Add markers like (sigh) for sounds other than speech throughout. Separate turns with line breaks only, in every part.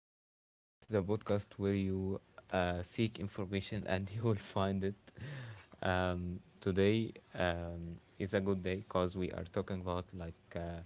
It's the podcast where you seek information (laughs) and you will find it. Today is a good day because we are talking about like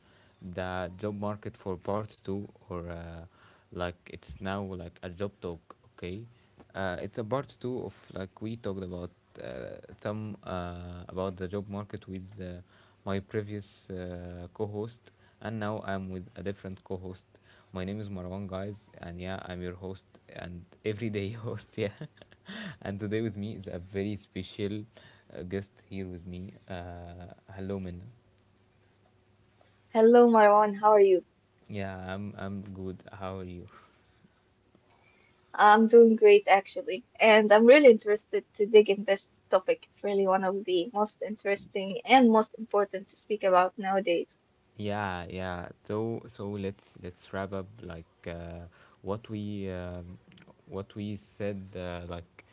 the job market for part two, or like, it's now like a job talk. Okay, it's a part two of like we talked about some about the job market with my previous co-host, and now I'm with a different co host. My name is Marwan, guys, and yeah, I'm your host and everyday (laughs) host, yeah. And today with me is a very special guest here with me. Hello, Minna.
Hello, Marwan. How are you?
Yeah, I'm good. How are you?
I'm doing great, actually, and I'm really interested to dig in this topic. It's really one of the most interesting and most important to speak about nowadays.
Yeah, yeah. So let's wrap up like what we um, what we said like,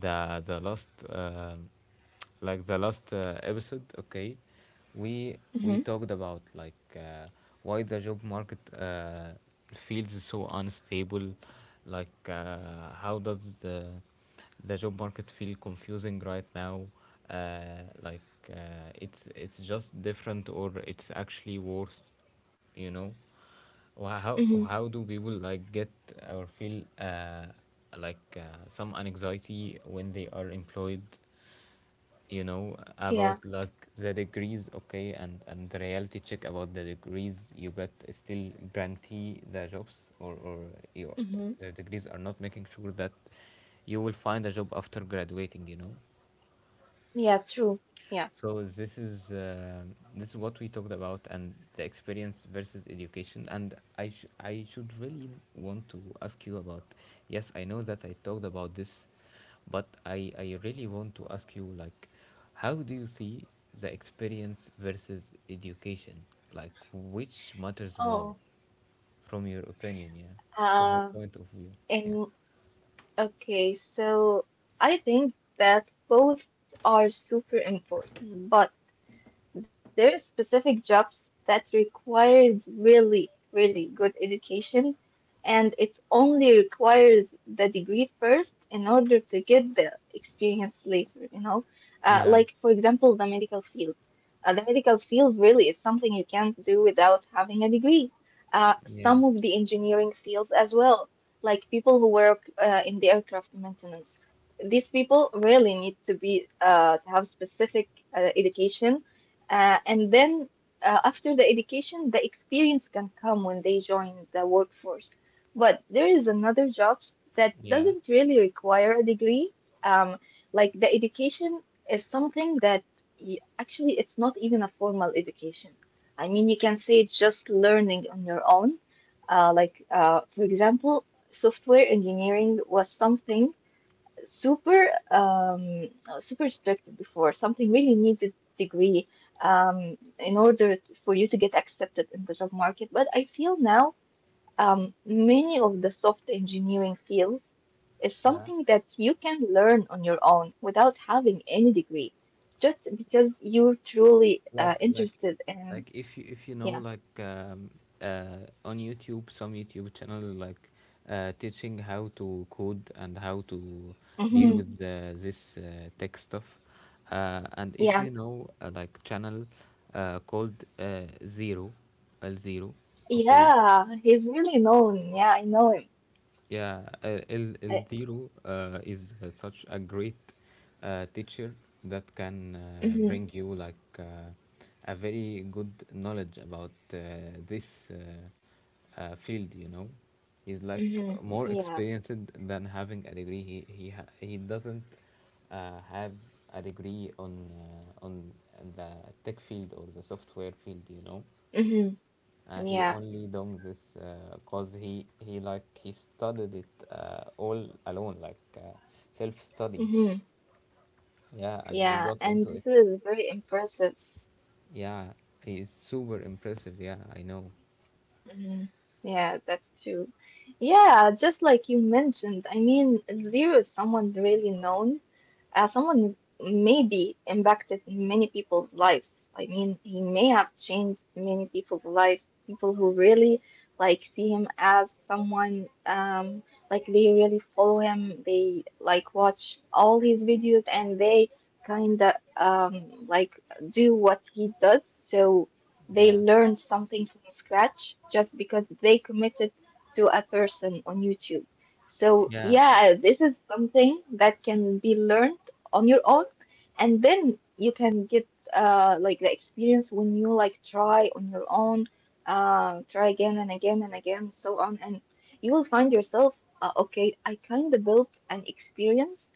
the last episode. Okay, we talked
Mm-hmm.
about like why the job market feels so unstable. Like how does the job market feel confusing right now, uh, like it's just different, or it's actually worse, you know. How
Mm-hmm.
do people like get or feel like uh, some anxiety when they are employed, you know, about
Yeah.
like the degrees. Okay, and the reality check about the degrees — you get still guarantee the jobs, or you,
Mm-hmm.
the degrees are not making sure that you will find a job after graduating, you know.
Yeah, true. Yeah.
So this is this is what we talked about, and the experience versus education. And I should really want to ask you about. Yes, I know that I talked about this, but I really want to ask you, like, how do you see the experience versus education? Like, which matters more,
Oh,
from your opinion? Yeah, from your
Uh,
point of view. Yeah.
and okay, so I think that both are super important, but there are specific jobs that requires really, really good education, and it only requires the degree first in order to get the experience later, you know? Like, for example, the medical
Yeah.
field. The medical field really is something you can't do without having a degree. Some of the
Yeah.
engineering fields as well, like people who work in the aircraft maintenance, these people really need to be to have specific education, and then, after the education, the experience can come when they join the workforce. But there is another jobs that
Yeah.
doesn't really require a degree. Um, like, the education is something that y actually it's not even a formal education. I mean, you can say it's just learning on your own. Like, for example, software engineering was something super expected before. Something really needs a degree in order for you to get accepted in the job market. But I feel now, many of the soft engineering fields is
Yeah.
something that you can learn on your own without having any degree, just because you're truly
like like
interested in.
like if you know
Yeah.
like, on YouTube some YouTube channel like teaching how to code and how to deal
Hmm.
with this tech stuff, and if you
Yeah,
know like, channel called zero l zero. Okay,
yeah, he's really known. Yeah, I know him.
yeah, uh, El,
I,
El Zero is such a great teacher that can
hmm.
bring you like a very good knowledge about this uh, field, you know. He's like
Hmm.
more
Yeah.
experienced than having a degree. He doesn't have a degree on on the tech field or the software field, you know.
Mm-hmm.
He
Yeah.
only done this because he studied it all alone, like self study.
Mm-hmm.
Yeah, and he
Yeah,
got
and
into
this
it.
is very impressive.
Yeah, he is super impressive. Yeah, I know.
Mhm. Yeah, that's true. Yeah, just like you mentioned, I mean, zero is someone really known, someone maybe impacted many people's lives. I mean, he may have changed many people's lives, people who really like see him as someone, like they really follow him, they like watch all his videos and they kind of do what he does. So. They
Yeah,
learned something from scratch just because they committed to a person on YouTube. So,
yeah,
yeah, this is something that can be learned on your own, and then you can get like the experience when you like try on your own, try again and again and again, so on, and you will find yourself, okay, I kind of built an experience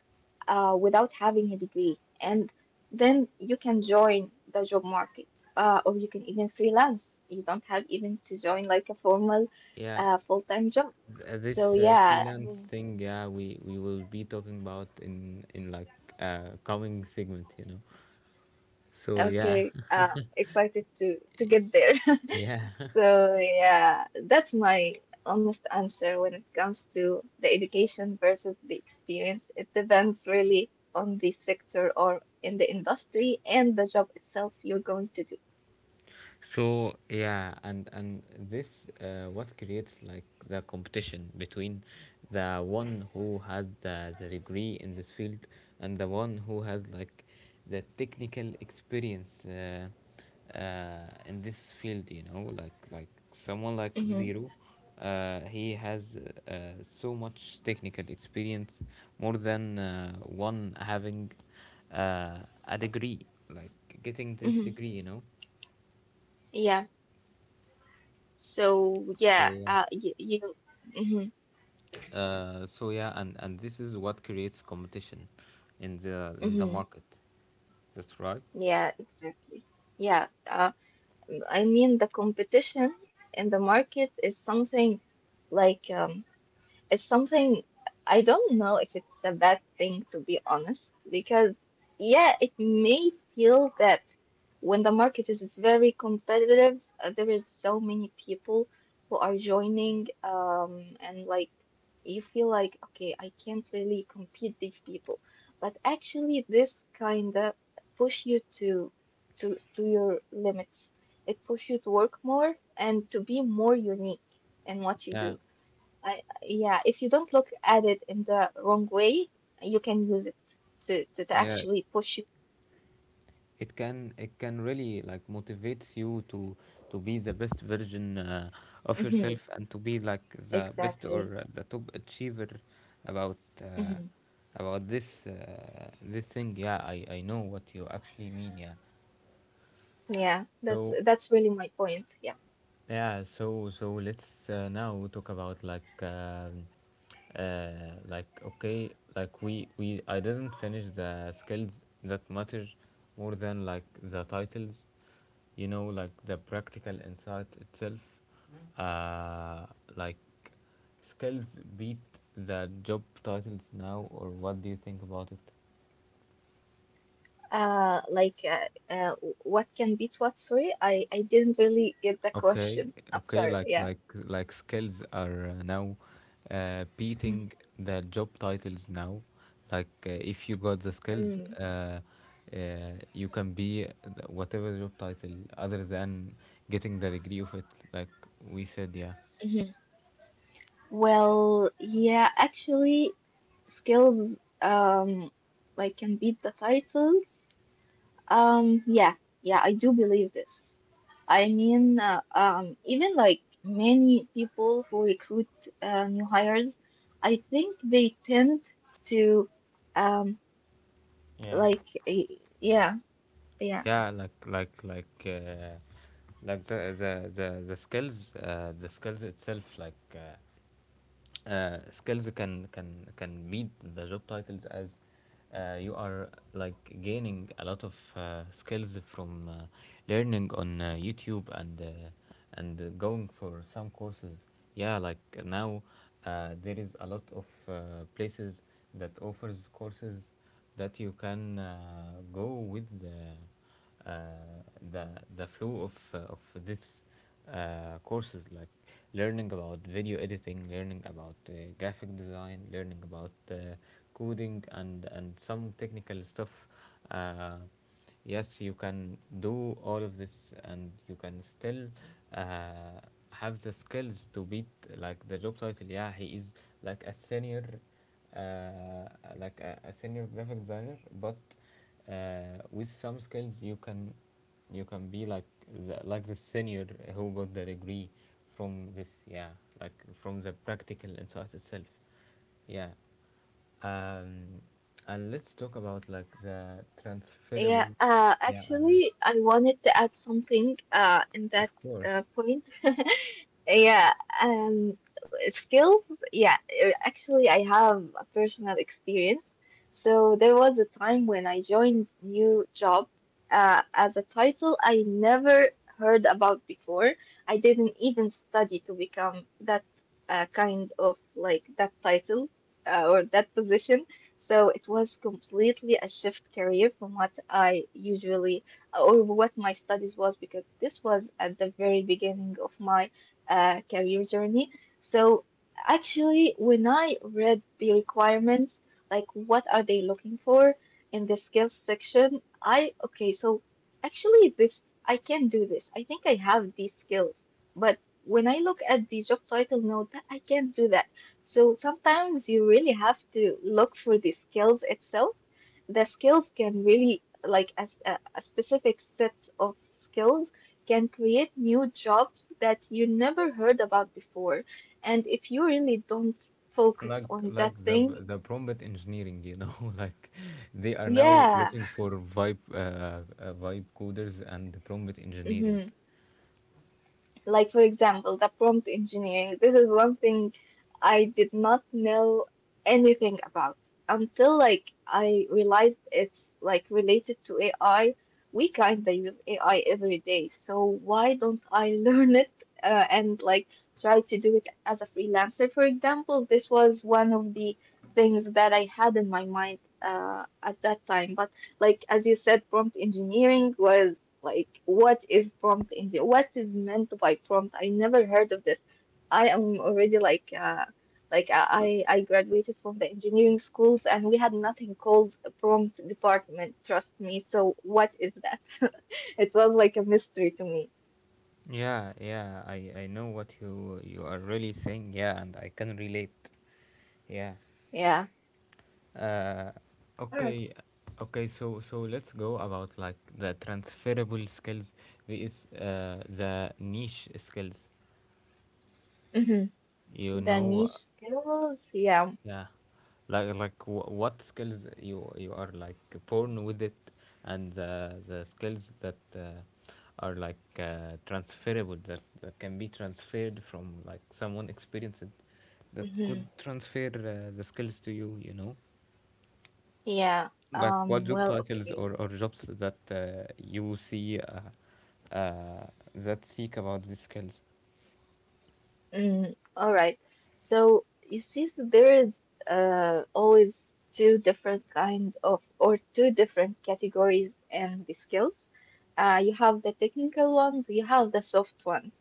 without having a degree. And then you can join the job market, or you can even freelance. You don't have even to join like a formal,
yeah.
full-time job.
Th- uh,
So
This
yeah, I
freelance
mean,
thing, yeah, we will be talking about in like coming segment, you know. So yeah,
okay, excited to get there.
(laughs)
(laughs)
yeah.
So yeah, that's my honest answer when it comes to the education versus the experience. It depends really on the sector or in the industry and the job itself you're going to
So yeah, and this what creates like the competition between the one who has the degree in this field, and the one who has like the technical experience in this field. You know, like someone like
do.
Zero, he has uh, so much technical experience, more than one having uh, a degree, like getting this
Hmm.
degree. You know,
Yeah. So
so
yeah,
yeah.
you. Mm-hmm.
So yeah, and this is what creates competition in the
Mm-hmm.
market. That's right.
Yeah, exactly. Yeah, I mean the competition in the market is something like, it's something I don't know if it's a bad thing, to be honest, because yeah, it may feel that when the market is very competitive, there is so many people who are joining, and like you feel like, okay, I can't really compete these people. But actually, this kind of push you to your limits. It push you to work more and to be more unique in what you
Yeah,
do. Yeah, if you don't look at it in the wrong way, you can use it to
yeah.
actually push you.
It can really like motivates you to be the best version of
Hmm.
yourself, and to be like the best,
Exactly.
or the top achiever about uh,
Hmm.
about this this thing. Yeah, I know what you actually mean. Yeah.
Yeah,
So
that's really my point. Yeah.
yeah, so let's now talk about like, uh, like, okay, like we I didn't finish the skills that matter more than like the titles, you know, like the practical insight itself. Uh, like skills beat the job titles now, or what do you think about it?
What can beat what? Sorry, I didn't really get the
Okay,
question. I'm
okay,
sorry.
like
Yeah.
like like skills are now beating the job titles now. Like if you got the skills,
Mm-hmm.
you can be whatever job title, other than getting the degree of it. Like we said, yeah.
Well, yeah, actually, skills like can beat the titles. Yeah, yeah, I do believe this. I mean, even like many people who recruit new hires, I think they tend to, um,
Yeah.
like, eh, yeah, yeah,
Yeah, like the skills, the skills itself, like. Skills can meet the job titles, as you are like gaining a lot of skills from learning on YouTube, and going for some courses. Yeah, like now there is a lot of places that offers courses that you can go with. Uh, the the flow of of this courses, like learning about video editing, learning about graphic design, learning about coding, and some technical stuff. Uh, yes, you can do all of this, and you can still uh, have the skills to beat like the job title. Yeah, he is like a senior, uh, like a senior graphic designer, but with some skills, you can be like the senior who got the degree from this. Yeah, like, from the practical insight itself. Yeah. Um and let's talk about like the transferable.
yeah.
Yeah, I mean,
Actually, I wanted to add something in that
of course,
point. (laughs) Yeah, um, skills. Yeah, actually, I have a personal experience. So there was a time when I joined new job as a title I never heard about before. I didn't even study to become that kind of like that title, or that position. So it was completely a shift career from what I usually, or what my studies was, because this was at the very beginning of my career journey. So actually, when I read the requirements, like what are they looking for in the skills section, I okay, so actually this I can do this. I think I have these skills, but when I look at the job title, no, that I can't do that. So sometimes you really have to look for the skills itself. The skills can really like as a specific set of skills can create new jobs that you never heard about before. And if you really don't focus
like
on
like
that
the
thing,
the prompt engineering, you know, (laughs) like, they are now
yeah.
looking for vibe vibe coders and prompt engineering.
(laughs) Like, for example, the prompt engineering. This is one thing I did not know anything about until like I realized it's like related to AI. We kind of use AI every day, so why don't I (laughs) learn it and like try to do it as a freelancer? For example, this was one of the things that I had in my mind at that time, but like as you said, prompt engineering was like what is prompt engineer? What is meant by prompt? I never heard of this. I am already like I graduated from the engineering schools and we had nothing called a prompt department, trust me. So what is that? (laughs) It was like a mystery to me.
Yeah, yeah, I know what you are really saying. Yeah, and I can relate. Yeah.
Yeah.
Uh,
All right.
okay, okay. So let's go about like the transferable skills vs the niche skills.
Mm-hmm.
You
The
know.
niche skills. Yeah.
Yeah, what skills you are like born with it, and the skills that are like transferable, that can be transferred from like someone experienced that
Mm-hmm.
could transfer the skills to you. You know,
Yeah.
like what job
Well,
titles,
okay.
or jobs that you see that seek about these skills.
Mm, all right. So you see, there is always two different kinds of, or two different categories in the skills. You have the technical ones, you have the soft ones.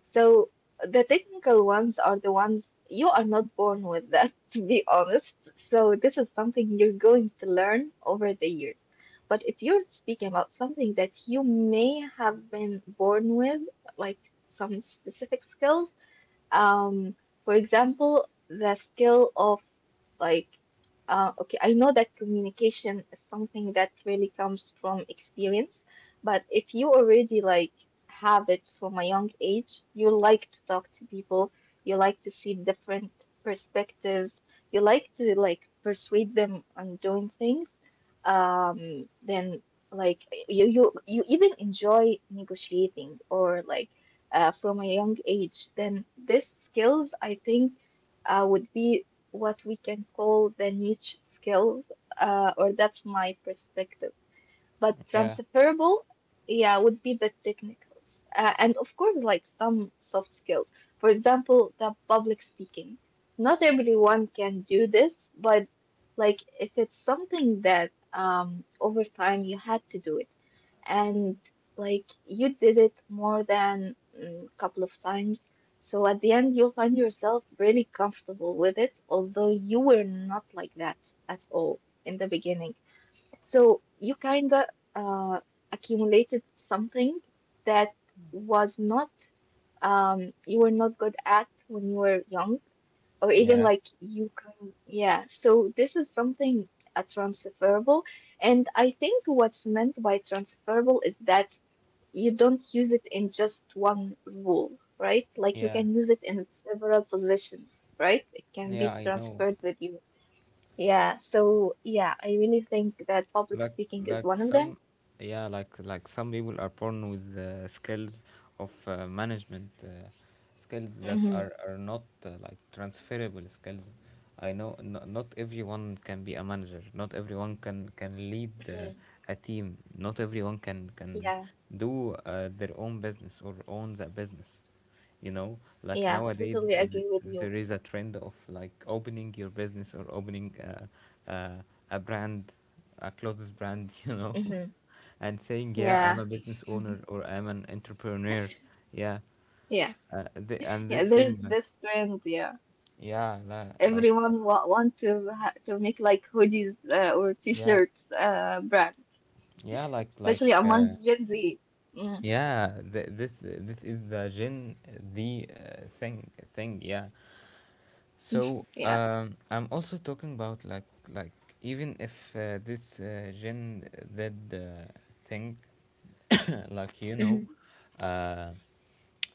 So the technical ones are the ones you are not born with that, (laughs) to be honest. So this is something you're going to learn over the years. But if you're speaking about something that you may have been born with, like some specific skills, um, for example, the skill of like, okay, I know that communication is something that really comes from experience, but if you already like have it from a young age, you like to talk to people, you like to see different perspectives, you like to like persuade them on doing things, then like you even enjoy negotiating or like from a young age, then these skills, I think, would be what we can call the niche skills, or that's my perspective. But
Yeah,
transferable, yeah, would be the technicals. And of course, like some soft skills. For example, the public speaking. Not everyone can do this, but like if it's something that, over time you had to do it, and like you did it more than a couple of times. So at the end, you'll find yourself really comfortable with it, although you were not like that at all in the beginning. So you kind of uh, accumulated something that was not, you were not good at when you were young, or even
yeah,
like you can, yeah. So this is something transferable, and I think what's meant by transferable is that you don't use it in just one rule, right? Like
yeah,
you can use it in several positions, right? It can
yeah.
be
I know,
transferred with you. Yeah, so yeah, I really think that public
like
speaking is
like
one of
some,
them.
yeah, like some people are born with skills of management, skills that are
Hmm.
are not like transferable skills. I know, not everyone can be a manager. Not everyone can lead
Hmm.
a team. Not everyone can
Yeah,
do their own business or owns a business, you know. Like,
yeah,
nowadays,
totally agree with
there
you.
is a trend of like opening your business, or opening a brand, a clothes brand, (laughs) you know,
Hmm.
and saying, "Yeah, I'm
Yeah.
a business
Mm-hmm.
owner or I'm an entrepreneur." Yeah,
yeah,
and
yeah,
this
There's
thing, like,
this trend. Yeah,
yeah, like,
everyone wa want to ha to make like hoodies or
yeah,
t-shirts brand,
yeah, like,
especially among Gen Z. Mm,
yeah, this is the Gen, the thing, thing, yeah. So,
yeah.
I'm also talking about, like, like, even if this Gen Z uh, thing (coughs) like, you know,
Hmm.
uh,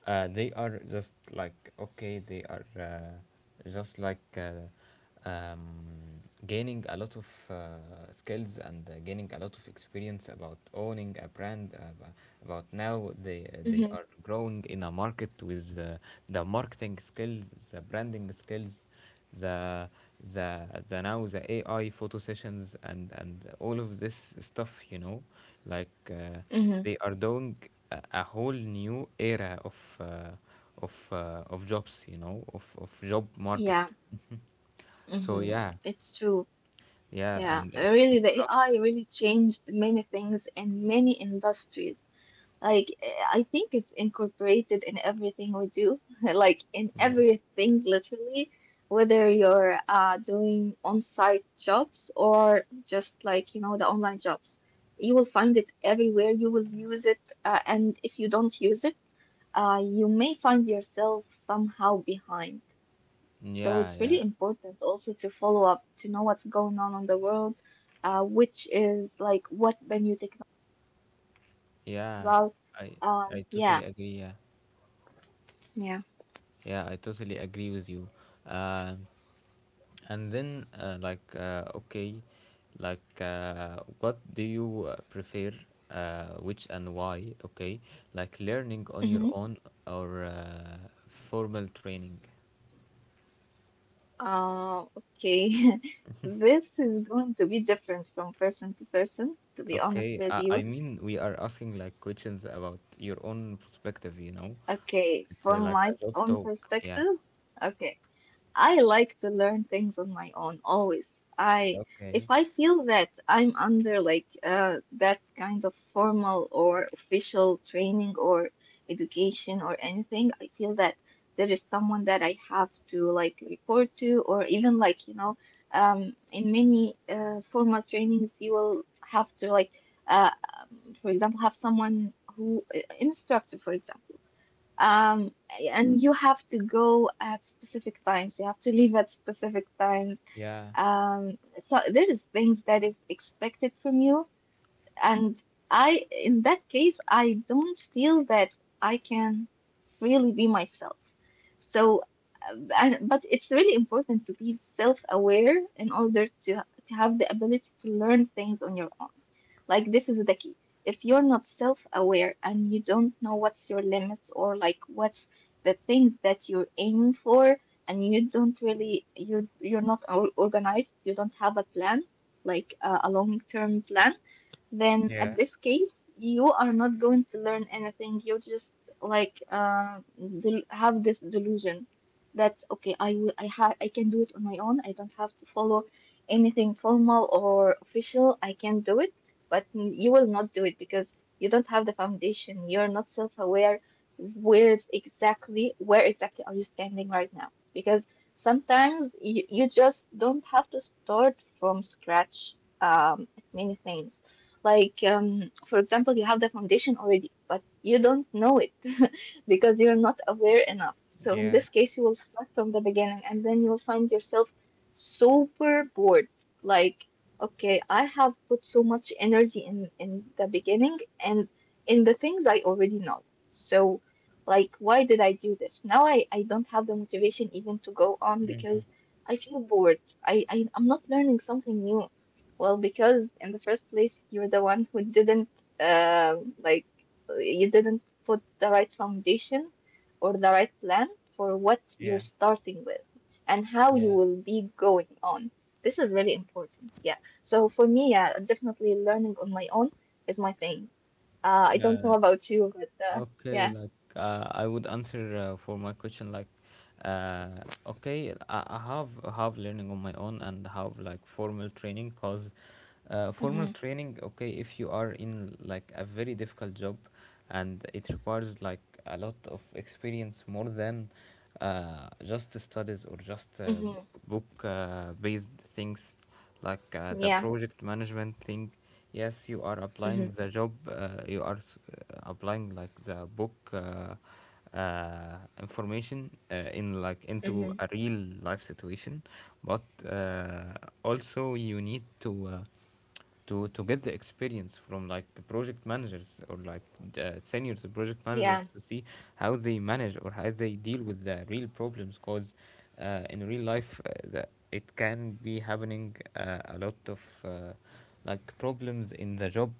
they are just like, okay, they are just like gaining a lot of skills, and gaining a lot of experience about owning a brand, about now, they they are growing in a market with the marketing skills, the branding skills, the the the now the AI photo sessions, and all of this stuff, you know. Like
Hmm.
they are doing a whole new era of uh, of jobs, you know, of job market.
Yeah.
So
Hmm.
yeah.
It's true.
Yeah,
Yeah.
and it,
Really,
it's
the
not.
AI really changed many things in many industries. Like, eh, I think it's incorporated in everything we do, (laughs) like in
Yeah,
everything, literally, whether you're doing on-site jobs or just like, you know, the online jobs. You will find it everywhere. You will use it. And if you don't use it, you may find yourself somehow behind. So
yeah,
it's really
yeah,
important also to follow up to know what's going on in the world, which is like what the new technology is
yeah,
about.
i I
Yeah,
totally agree. Yeah,
yeah.
yeah, I totally agree with you. Uh, and then okay, like what do you prefer, which and why? Okay, like, learning on your
Hmm.
own, or formal training?
Okay. (laughs) This is going to be different from person to person, to be honest
Okay,
with
I
you.
mean, we are asking like questions about your own perspective, you know?
Okay,
It's
from
like a
my
job
own
talk. Yeah.
perspective. Okay. I like to learn things on my own always. I
Okay.
if I feel that I'm under like that kind of formal or official training or education or anything, I feel that there is someone that I have to like report to or even like in many formal trainings you will have to like uh for example have someone who instructor for example um, and you have to go at specific times. You have to leave at specific times.
Yeah.
Um, so there is things that is expected from you and in that case, I don't feel that I can really be myself. So, but it's really important to be self-aware in order to have the ability to learn things on your own. Like this is the key. If you're not self-aware and you don't know what's your limits or like what's the things that you're aiming for, and you don't really you're not organized, you don't have a plan, like a long-term plan then at
Yeah.
this case, you are not going to learn anything. You just like have this delusion that okay, I will, I ha I can do it on my own. I don't have to follow anything formal or official. I can do it, but you will not do it because you don't have the foundation. You're not self-aware. Where exactly are you standing right now? Because sometimes you just don't have to start from scratch at many things like, for example, you have the foundation already, but you don't know it (laughs) because you're not aware enough. So, in
Yeah.
this case, you will start from the beginning and then you'll find yourself super bored. Like, okay, I have put so much energy in the beginning and in the things I already know. So, like, why did I do this? Now I don't have the motivation even to go on
Mm-hmm.
because I feel bored. I'm not learning something new. Well, because in the first place, you're the one who didn't like you didn't put the right foundation or the right plan for what
Yeah.
you're starting with and how you
Yeah.
will be going on. This is really important. Yeah. So for me, yeah, definitely learning on my own is my thing. I don't know
Yeah.
about you, but
Okay,
yeah.
like I would answer for my question like, okay, I have learning on my own and have like formal training because
Mhm.
formal training, okay, if you are in like a very difficult job and it requires like a lot of experience more than just studies or just
Mhm.
book based things, like the
Yeah.
project management thing. Yes, you are
Mhm.
applying the job, applying like the book information in like into
Mhm.
a real life situation. But uh, also you need to to get the experience from like the project managers or like the seniors project
Yeah.
managers to see how they manage or how they deal with the real problems, because in real life, it can be happening a lot of uh, like problems in the job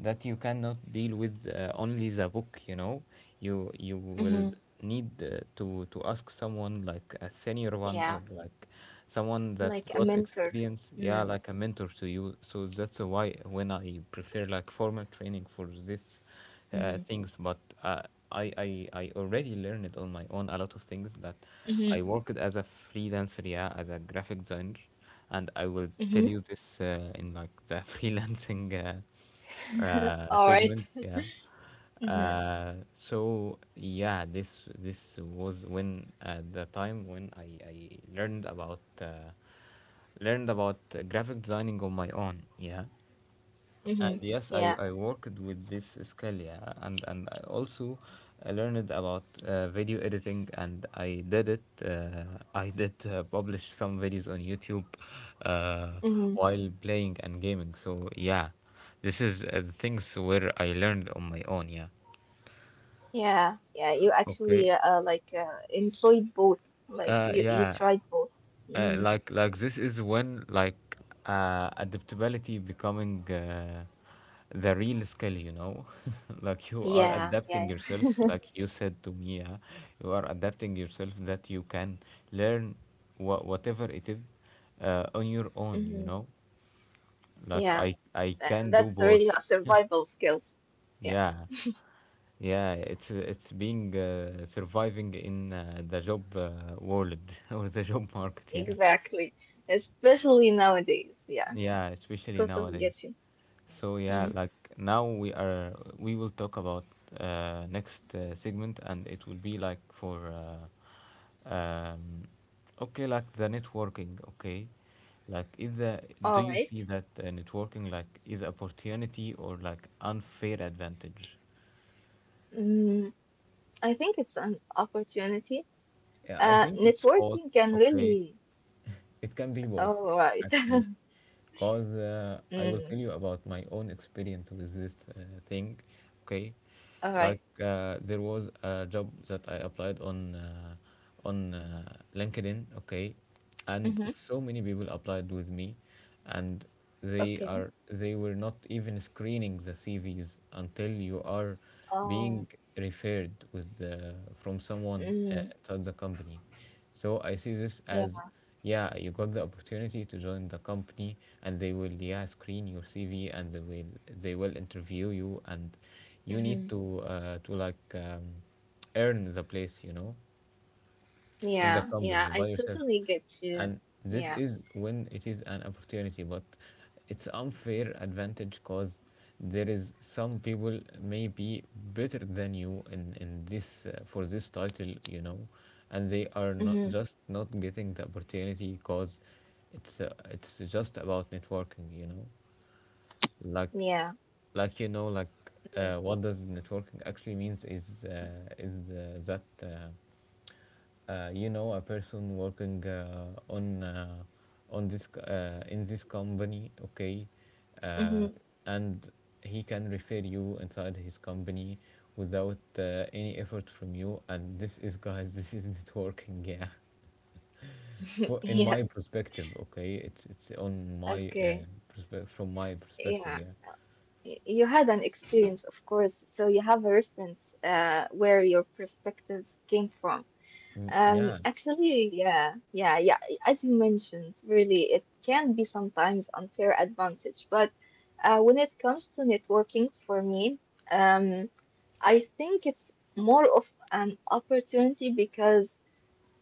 that you cannot deal with only the book, you know. You will
Mhm.
need to ask someone like a senior one
Yeah.
or like someone that
Like a
got
mentor.
experience,
Mhm.
yeah, like a mentor to you. So that's why when I prefer like formal training for this
Mhm.
things. But I already learned it on my own a lot of things that
Mhm.
I worked as a freelancer, yeah, as a graphic designer. And I will tell
Mhm.
you this, in like the (laughs) freelancing
(laughs) All right.
segment. Yeah.
Mm-hmm.
So yeah, this was when the time when I learned about graphic designing on my own. Yeah.
Mm-hmm.
And yes,
Yeah.
I worked with this Scalia, and I also learned about video editing and I did it. I did publish some videos on YouTube uh,
Mm-hmm.
while playing and gaming. So yeah, this is the things where I learned on my own. Yeah.
Yeah. Yeah. You
Okay.
actually like employed both. Like
Uh,
you
yeah.
tried both. Mm-hmm.
Like this is when like adaptability becoming the real skill, you know. (laughs) Like you are
Yeah.
adapting
Yeah.
yourself,
Yeah. (laughs)
like you said to me, yeah? You are adapting yourself that you can learn whatever it is on your own, you
Mm-hmm.
know. Like
Yeah.
I can
And
do
that's
both.
really a survival skills. Yeah.
Yeah, yeah, it's being surviving in the job world (laughs) or the job market, yeah.
Exactly. Especially nowadays. Yeah.
Yeah, especially
Totally
nowadays.
get you.
So yeah,
Mm.
like now we will talk about next segment, and it will be like for the networking. Okay, like is the
All
do you
right.
see that networking like is opportunity or like unfair advantage?
Mm, I think it's an opportunity.
Yeah, I think it's both.
Networking can
Okay.
really.
It can be both,
All right. (laughs)
actually, because I will
Mm,
tell you about my own experience with this thing. Okay,
all right.
like there was a job that I applied on LinkedIn. Okay, and
Mm-hmm.
so many people applied with me, and
Okay.
they were not even screening the CVs until you are
Um.
being referred from someone
Mm,
inside the company. So I see this
yeah.
as, yeah, you got the opportunity to join the company, and they will, yeah, screen your CV, and they will interview you, and you
hmm
need to like earn the place, you know, in the
Yeah. Yeah.
company
I
by yourself.
totally get you.
And this
Yeah.
is when it is an opportunity, but it's unfair advantage because there is some people may be better than you in this title, you know, and they are
hmm
not getting the opportunity because it's just about networking, you know. like
Yeah.
like you know like uh, what does networking actually means is that. You know, a person working in this company, okay, uh,
Mm-hmm.
and he can refer you inside his company without any effort from you, and this is, guys, (laughs) this is networking, yeah,
(laughs)
for in my
Yes.
perspective. Okay, it's on my
Okay.
perspe- from my perspective,
Yeah.
yeah.
You had an experience, of course, so you have a reference where your perspective came from.
Mm, yeah
Actually, yeah, yeah, yeah. As you mentioned, really, it can be sometimes unfair advantage, but when it comes to networking, for me, um, I think it's more of an opportunity because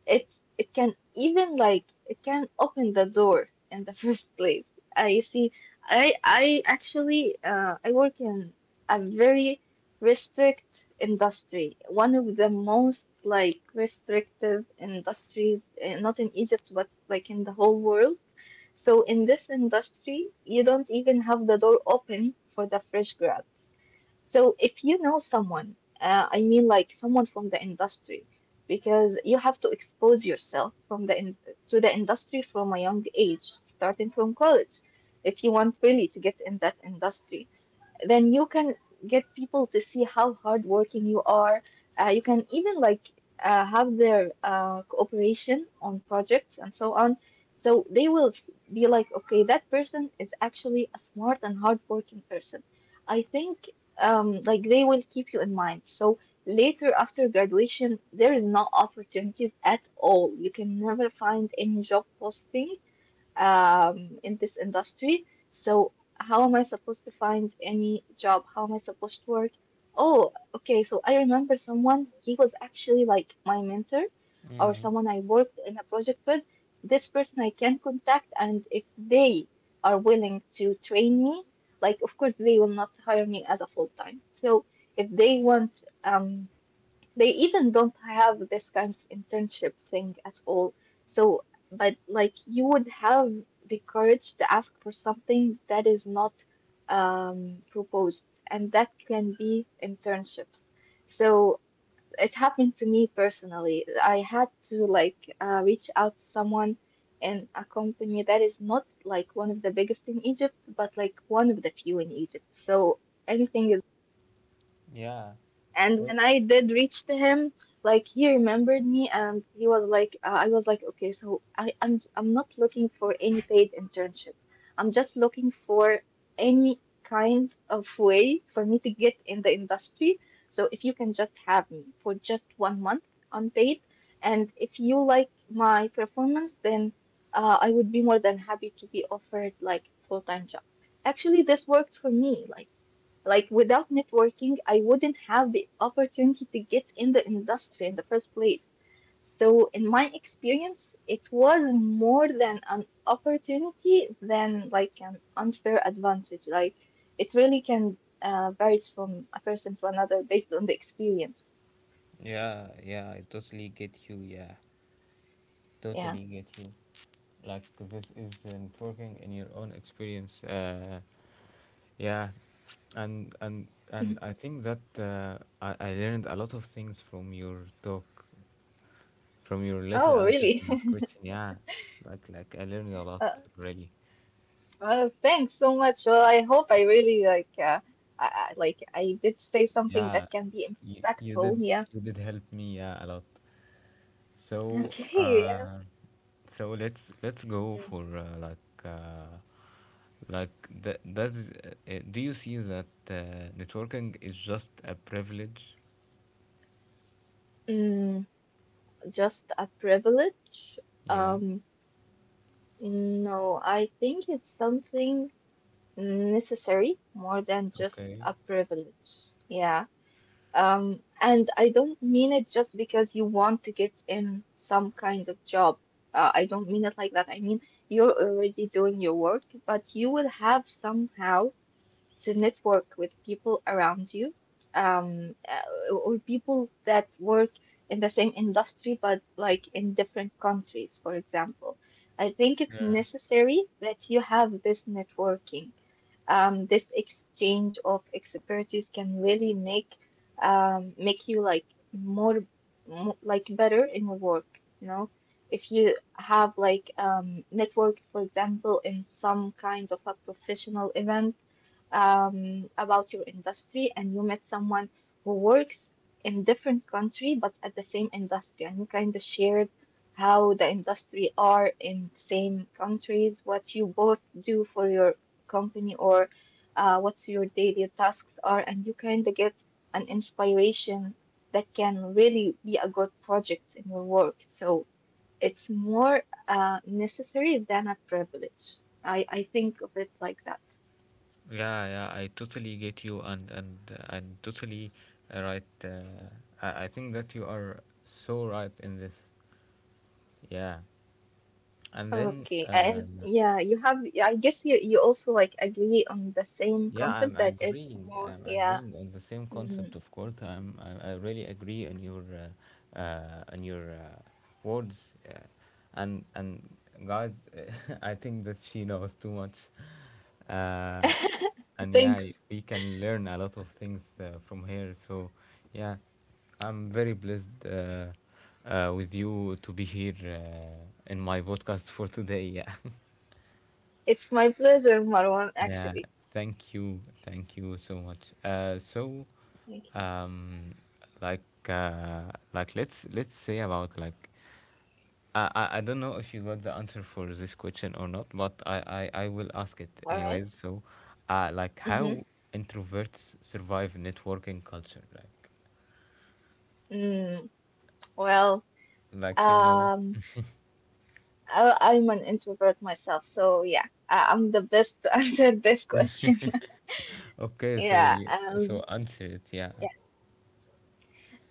it it can even like it can open the door in the (laughs) first place. I see. I actually I work in a very restrict industry, one of the most like restrictive industries, not in Egypt but like in the whole world. So in this industry, you don't even have the door open for the fresh grad. So if you know someone, I mean like someone from the industry, because you have to expose yourself from the in to the industry from a young age, starting from college, if you want really to get in that industry then you can get people to see how hardworking you are. You can even like have their cooperation on projects and so on. So they will be like, okay, that person is actually a smart and hardworking person. I think like they will keep you in mind. So later after graduation, there is no opportunities at all. You can never find any job posting in this industry. So, how am I supposed to find any job? How am I supposed to work? Oh, okay. So, I remember someone, he was actually like my mentor or
Mm,
someone I worked in a project with. This person I can contact, and if they are willing to train me, like, of course, they will not hire me as a full time. So, if they want they even don't have this kind of internship thing at all. So, but like you would have the courage to ask for something that is not proposed, and that can be internships. So it happened to me personally. I had to like reach out to someone in a company that is not like one of the biggest in Egypt, but like one of the few in Egypt. So anything is
yeah,
and
Well,
when I did reach to him, like he remembered me, and he was like, I was like, okay, so I'm not looking for any paid internship. I'm just looking for any kind of way for me to get in the industry. So if you can just have me for just 1 month unpaid, and if you like my performance, then I would be more than happy to be offered like full-time job. Actually, this worked for me. Like without networking, I wouldn't have the opportunity to get in the industry in the first place. So in my experience, it was more than an opportunity than like an unfair advantage. Like it really can varies from a person to another based on the experience.
yeah, yeah. I totally get you. Yeah,
Yeah.
totally get you. Like this isn't working in your own experience, yeah. And
Mhm.
I think that I learned a lot of things from your talk, from your little
Oh,
answer
really?
to this question,
(laughs)
yeah. Like I learned a lot,
Uh,
really.
well, thanks so much. Well, I hope I really like I did say something
Yeah,
that can be
you
impactful.
did,
Yeah.
you did help me, yeah, a lot. So
Okay.
so let's go for
(laughs)
like that. That is, do you see that networking is just a privilege?
Mm, just a privilege?
Yeah.
Um, no, I think it's something necessary more than just
Okay.
a privilege. Yeah. And I don't mean it just because you want to get in some kind of job. I don't mean it like that. I mean, you're already doing your work, but you will have somehow to network with people around you or people that work in the same industry but like in different countries, for example. I think it's
Yeah,
necessary that you have this networking this exchange of expertise can really make make you like more, mo like better in your work, you know. If you have like network, for example, in some kind of a professional event about your industry, and you met someone who works in different country but at the same industry, and you kind of shared how the industry are in same countries, what you both do for your company or what's your daily tasks are, and you kind of get an inspiration that can really be a good project in your work. So it's more necessary than a privilege. I think of it like that.
yeah, yeah. I totally get you, and totally right. I think that you are so right in this. Yeah, and then
Okay, and yeah, you have, I guess you also like agree on the same
yeah, I'm
concept that it's
agreeing.
more,
I'm
yeah.
agreeing on the same concept,
Mhm.
of course. I really agree on your words, uh, and guys, (laughs) I think that she knows too much, uh,
(laughs)
and yeah,
Thanks.
we can learn a lot of things from her. So, yeah, I'm very blessed with you to be here in my podcast for today. (laughs) Yeah.
It's my pleasure, Marwan, actually.
Yeah, thank you so much. So,
Thank you.
um, like, like let's say about, like, I don't know if you got the answer for this question or not, but I will ask it
All right.
anyways. So, like,
Mm-hmm.
how introverts survive networking culture,
Mm, well,
like you know.
um, I'm an introvert myself, so yeah, I'm the best to (laughs) answer this question. (laughs)
Okay,
Yeah,
so you, so answer it. Yeah,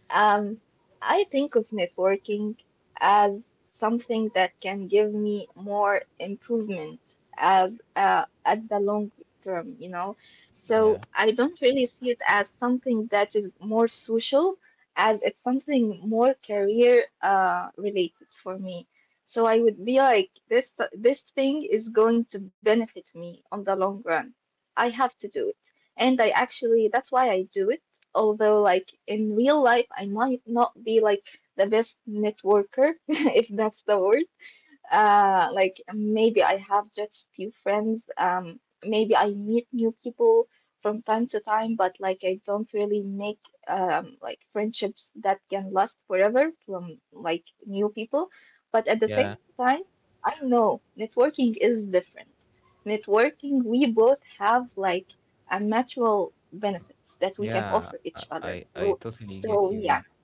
Um, I think of networking as something that can give me more improvement as at the long term, you know. So
yeah,
I don't really see it as something that is more social, as it's something more career related for me. So I would be like, this thing is going to benefit me on the long run. I have to do it. And I actually, that's why I do it although like in real life I might not be like the best networker (laughs) if that's the word like maybe I have just few friends. Maybe I meet new people from time to time, but like I don't really make like friendships that can last forever from like new people. But at the
yeah,
same time, I know networking is different. Networking, we both have like a mutual benefits that we can
yeah.
offer each other.
I
So,
totally get you.
so
Yeah.
yeah.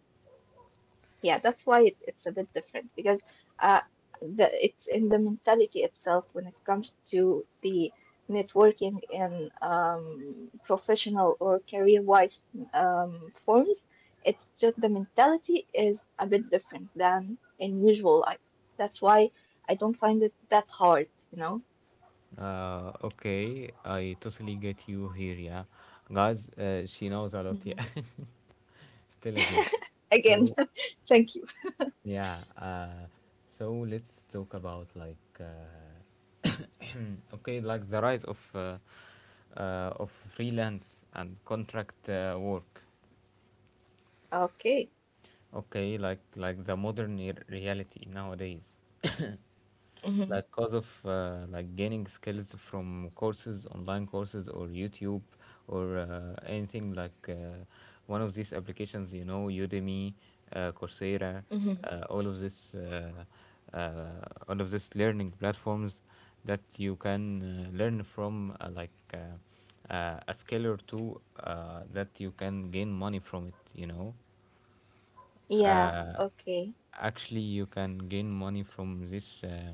Yeah, that's why it's a bit different because uh, the it's in the mentality itself when it comes to the networking in professional or career-wise forms. It's just the mentality is a bit different than in usual life. That's why I don't find it that hard, you know.
Okay, I totally get you here, yeah. Guys, she knows a
Hmm.
lot, yeah. (laughs) Still again.
(laughs) Again,
So,
(laughs) thank you.
yeah, so let's talk about like (coughs) okay, like the rise of freelance and contract work.
Okay.
Okay, like the modern reality nowadays. (coughs)
Mm-hmm.
Like cause of like gaining skills from courses, online courses, or YouTube, or anything like one of these applications, you know, Udemy, Coursera,
Mm-hmm.
uh, all of this uh, uh, all of this learning platforms that you can learn from, like a skill or two that you can gain money from it, you know.
Yeah.
uh,
Okay.
Actually, you can gain money from this uh,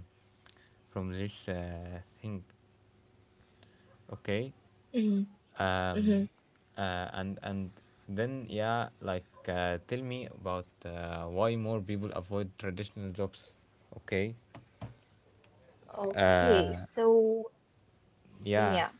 from this uh, thing, okay. um,
Mm-hmm.
uh, and and then, yeah, like tell me about why more people avoid traditional jobs, okay. uh,
Okay. So.
yeah.
Yeah,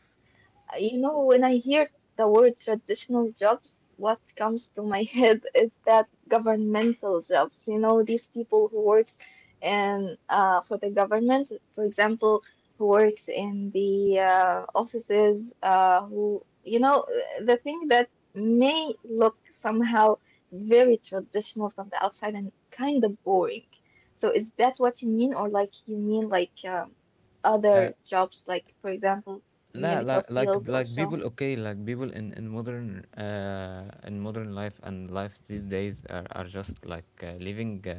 you know, when I hear the word traditional jobs, what comes to my (laughs) head is that governmental jobs, you know, these people who works in for the government, for example, who works in the offices, who, you know, the thing that may look somehow very traditional from the outside and kind of boring. So is that what you mean, or like you mean like
uh,
other jobs, like for example?
لا
Medical
like
field also.
people, okay, like people in in modern life and life these days are just like living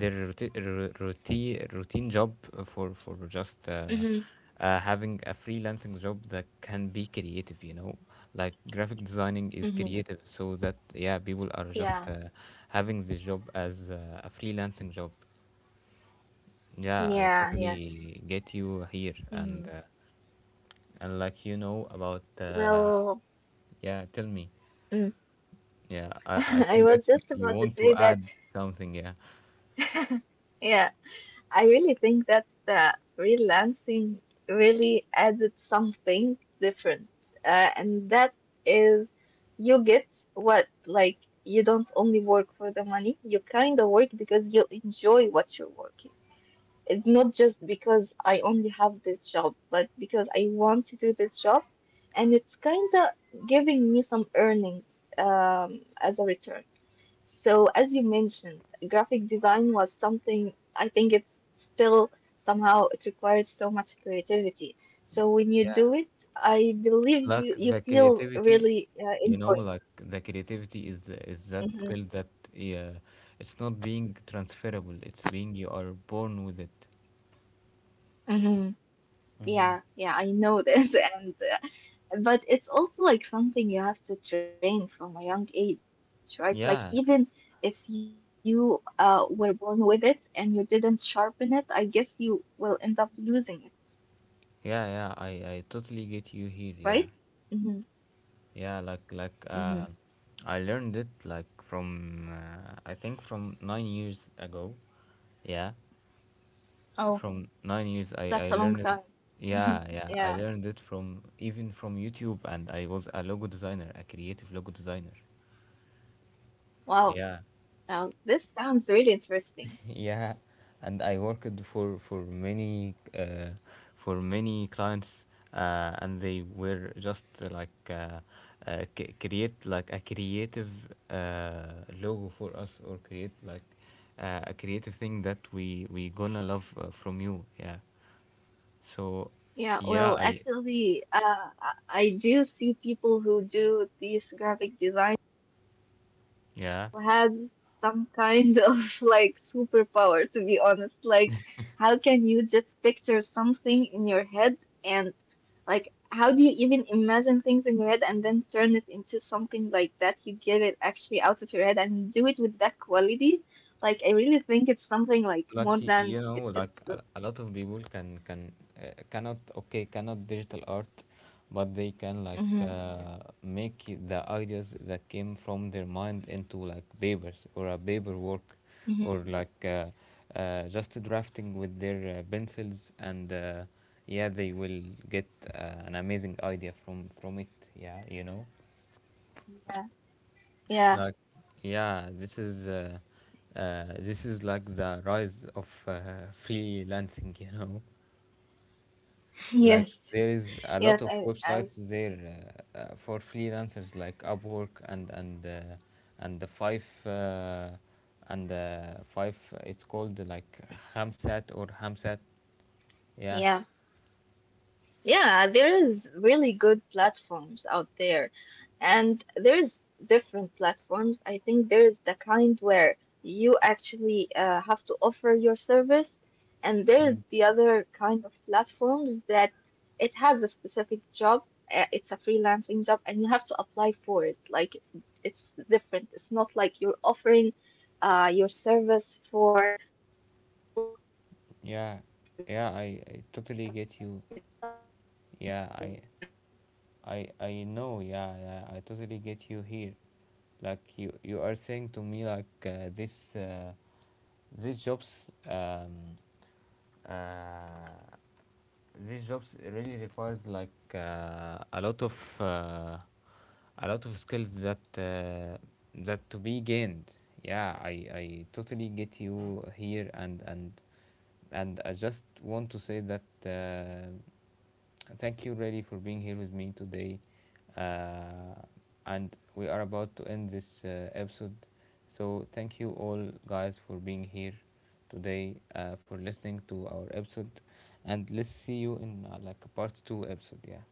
their routine, routine job for just
Mm-hmm,
having a freelancing job that can be creative, you know. Like graphic designing is
mm-hmm.
creative, so that, yeah, people are just
Yeah,
having this job as a freelancing job. Yeah, I
yeah, yeah.
totally get you here, and uh,
Mm.
and like you know about
Well,
yeah, tell me.
mm.
Yeah,
(laughs)
I
I
think
was
that
just
you
about to
want
say
to
that.
add something. Yeah,
(laughs) Yeah, I really think that freelancing really added something different, and that is you get what like you don't only work for the money. You kind of work because you enjoy what you're working. It's not just because I only have this job, but because I want to do this job, and it's kind of giving me some earnings as a return. So, as you mentioned, graphic design was something I think it's still somehow it requires so much creativity. So when you
yeah.
do it, I believe you
Like
you
the
feel
creativity,
really
you know,
enjoyed.
like the creativity is that skill
Mm-hmm.
that, yeah, it's not being transferable. It's being you are born with it.
Hmm. Yeah, yeah, I know this, (laughs) and but it's also like something you have to train from a young age, right? Like even if
Yeah,
you were born with it and you didn't sharpen it, I guess you will end up losing it,
yeah, yeah. I totally
right?
get you here. Yeah,
Mm-hmm.
yeah.
Mm-hmm.
Like I learned it like from I think from 9 years ago. Yeah,
Oh,
from 9 years
that's a
i
long
i learned
time.
it-
(laughs)
yeah, yeah,
Yeah.
I learned it from even from YouTube, and I was a logo designer, a creative logo designer,
Wow.
yeah.
Now this sounds really interesting.
(laughs) Yeah. And I worked for many clients, and they were just like create like a creative logo for us, or create like a creative thing that we gonna love from you, yeah. So,
Yeah,
yeah.
well,
I
actually, I do see people who do these graphic design.
Yeah,
Has some kind (laughs) of like superpower, to be honest. Like, how can you just picture something in your head and like, how do you even imagine things in your head and then turn it into something like that? You get it actually out of your head and do it with that quality. Like, I really think it's something like
like
more
you
than
know,
it's
like
it's
a lot of people cannot, okay, cannot digital art, but they can like
Mm-hmm.
make the ideas that came from their mind into like papers or a paper work, or
Mm-hmm.
like just drafting with their pencils and yeah, they will get an amazing idea from it, yeah, you know.
Yeah, yeah.
Like, yeah, this is like the rise of freelancing. (laughs) You know,
(laughs)
like
Yes,
there is a
yes,
lot of
I
websites there, for freelancers, like Upwork, and the five and five. It's called like Hamsat or Hamsat. Yeah.
yeah. Yeah, there's really good platforms out there, and there's different platforms. I think there's the kind where you actually have to offer your service, and there's
Mm.
the other kind of platforms that it has a specific job. It's a freelancing job, and you have to apply for it. Like it's different. It's not like you're offering your service for people who are
Yeah,
going to pay
yeah.
for you.
I totally
Yeah,
get
the
you.
platform itself is
Yeah,
paying for you in that case.
I know. Yeah,
Mm.
yeah, I totally get you here. Like you are saying to me like
Yeah.
this
Okay.
these jobs,
Yeah, so we were speaking about
uh,
the
these jobs
freelancing.
really
I
requires like
think
uh,
your question
a lot
was
of
why
skills
people
that
avoid traditional
that to be
jobs.
gained. Yeah, I
So,
totally get you here. And
all right, why
and I
people
just
avoid
want to say that
maybe people just get bored
thank you, Reddy, for being here with me today. Uh, and we are about to end this episode. So, thank you all, guys, for being here today, for listening to our episode. And let's see you in like a part two episode. Yeah.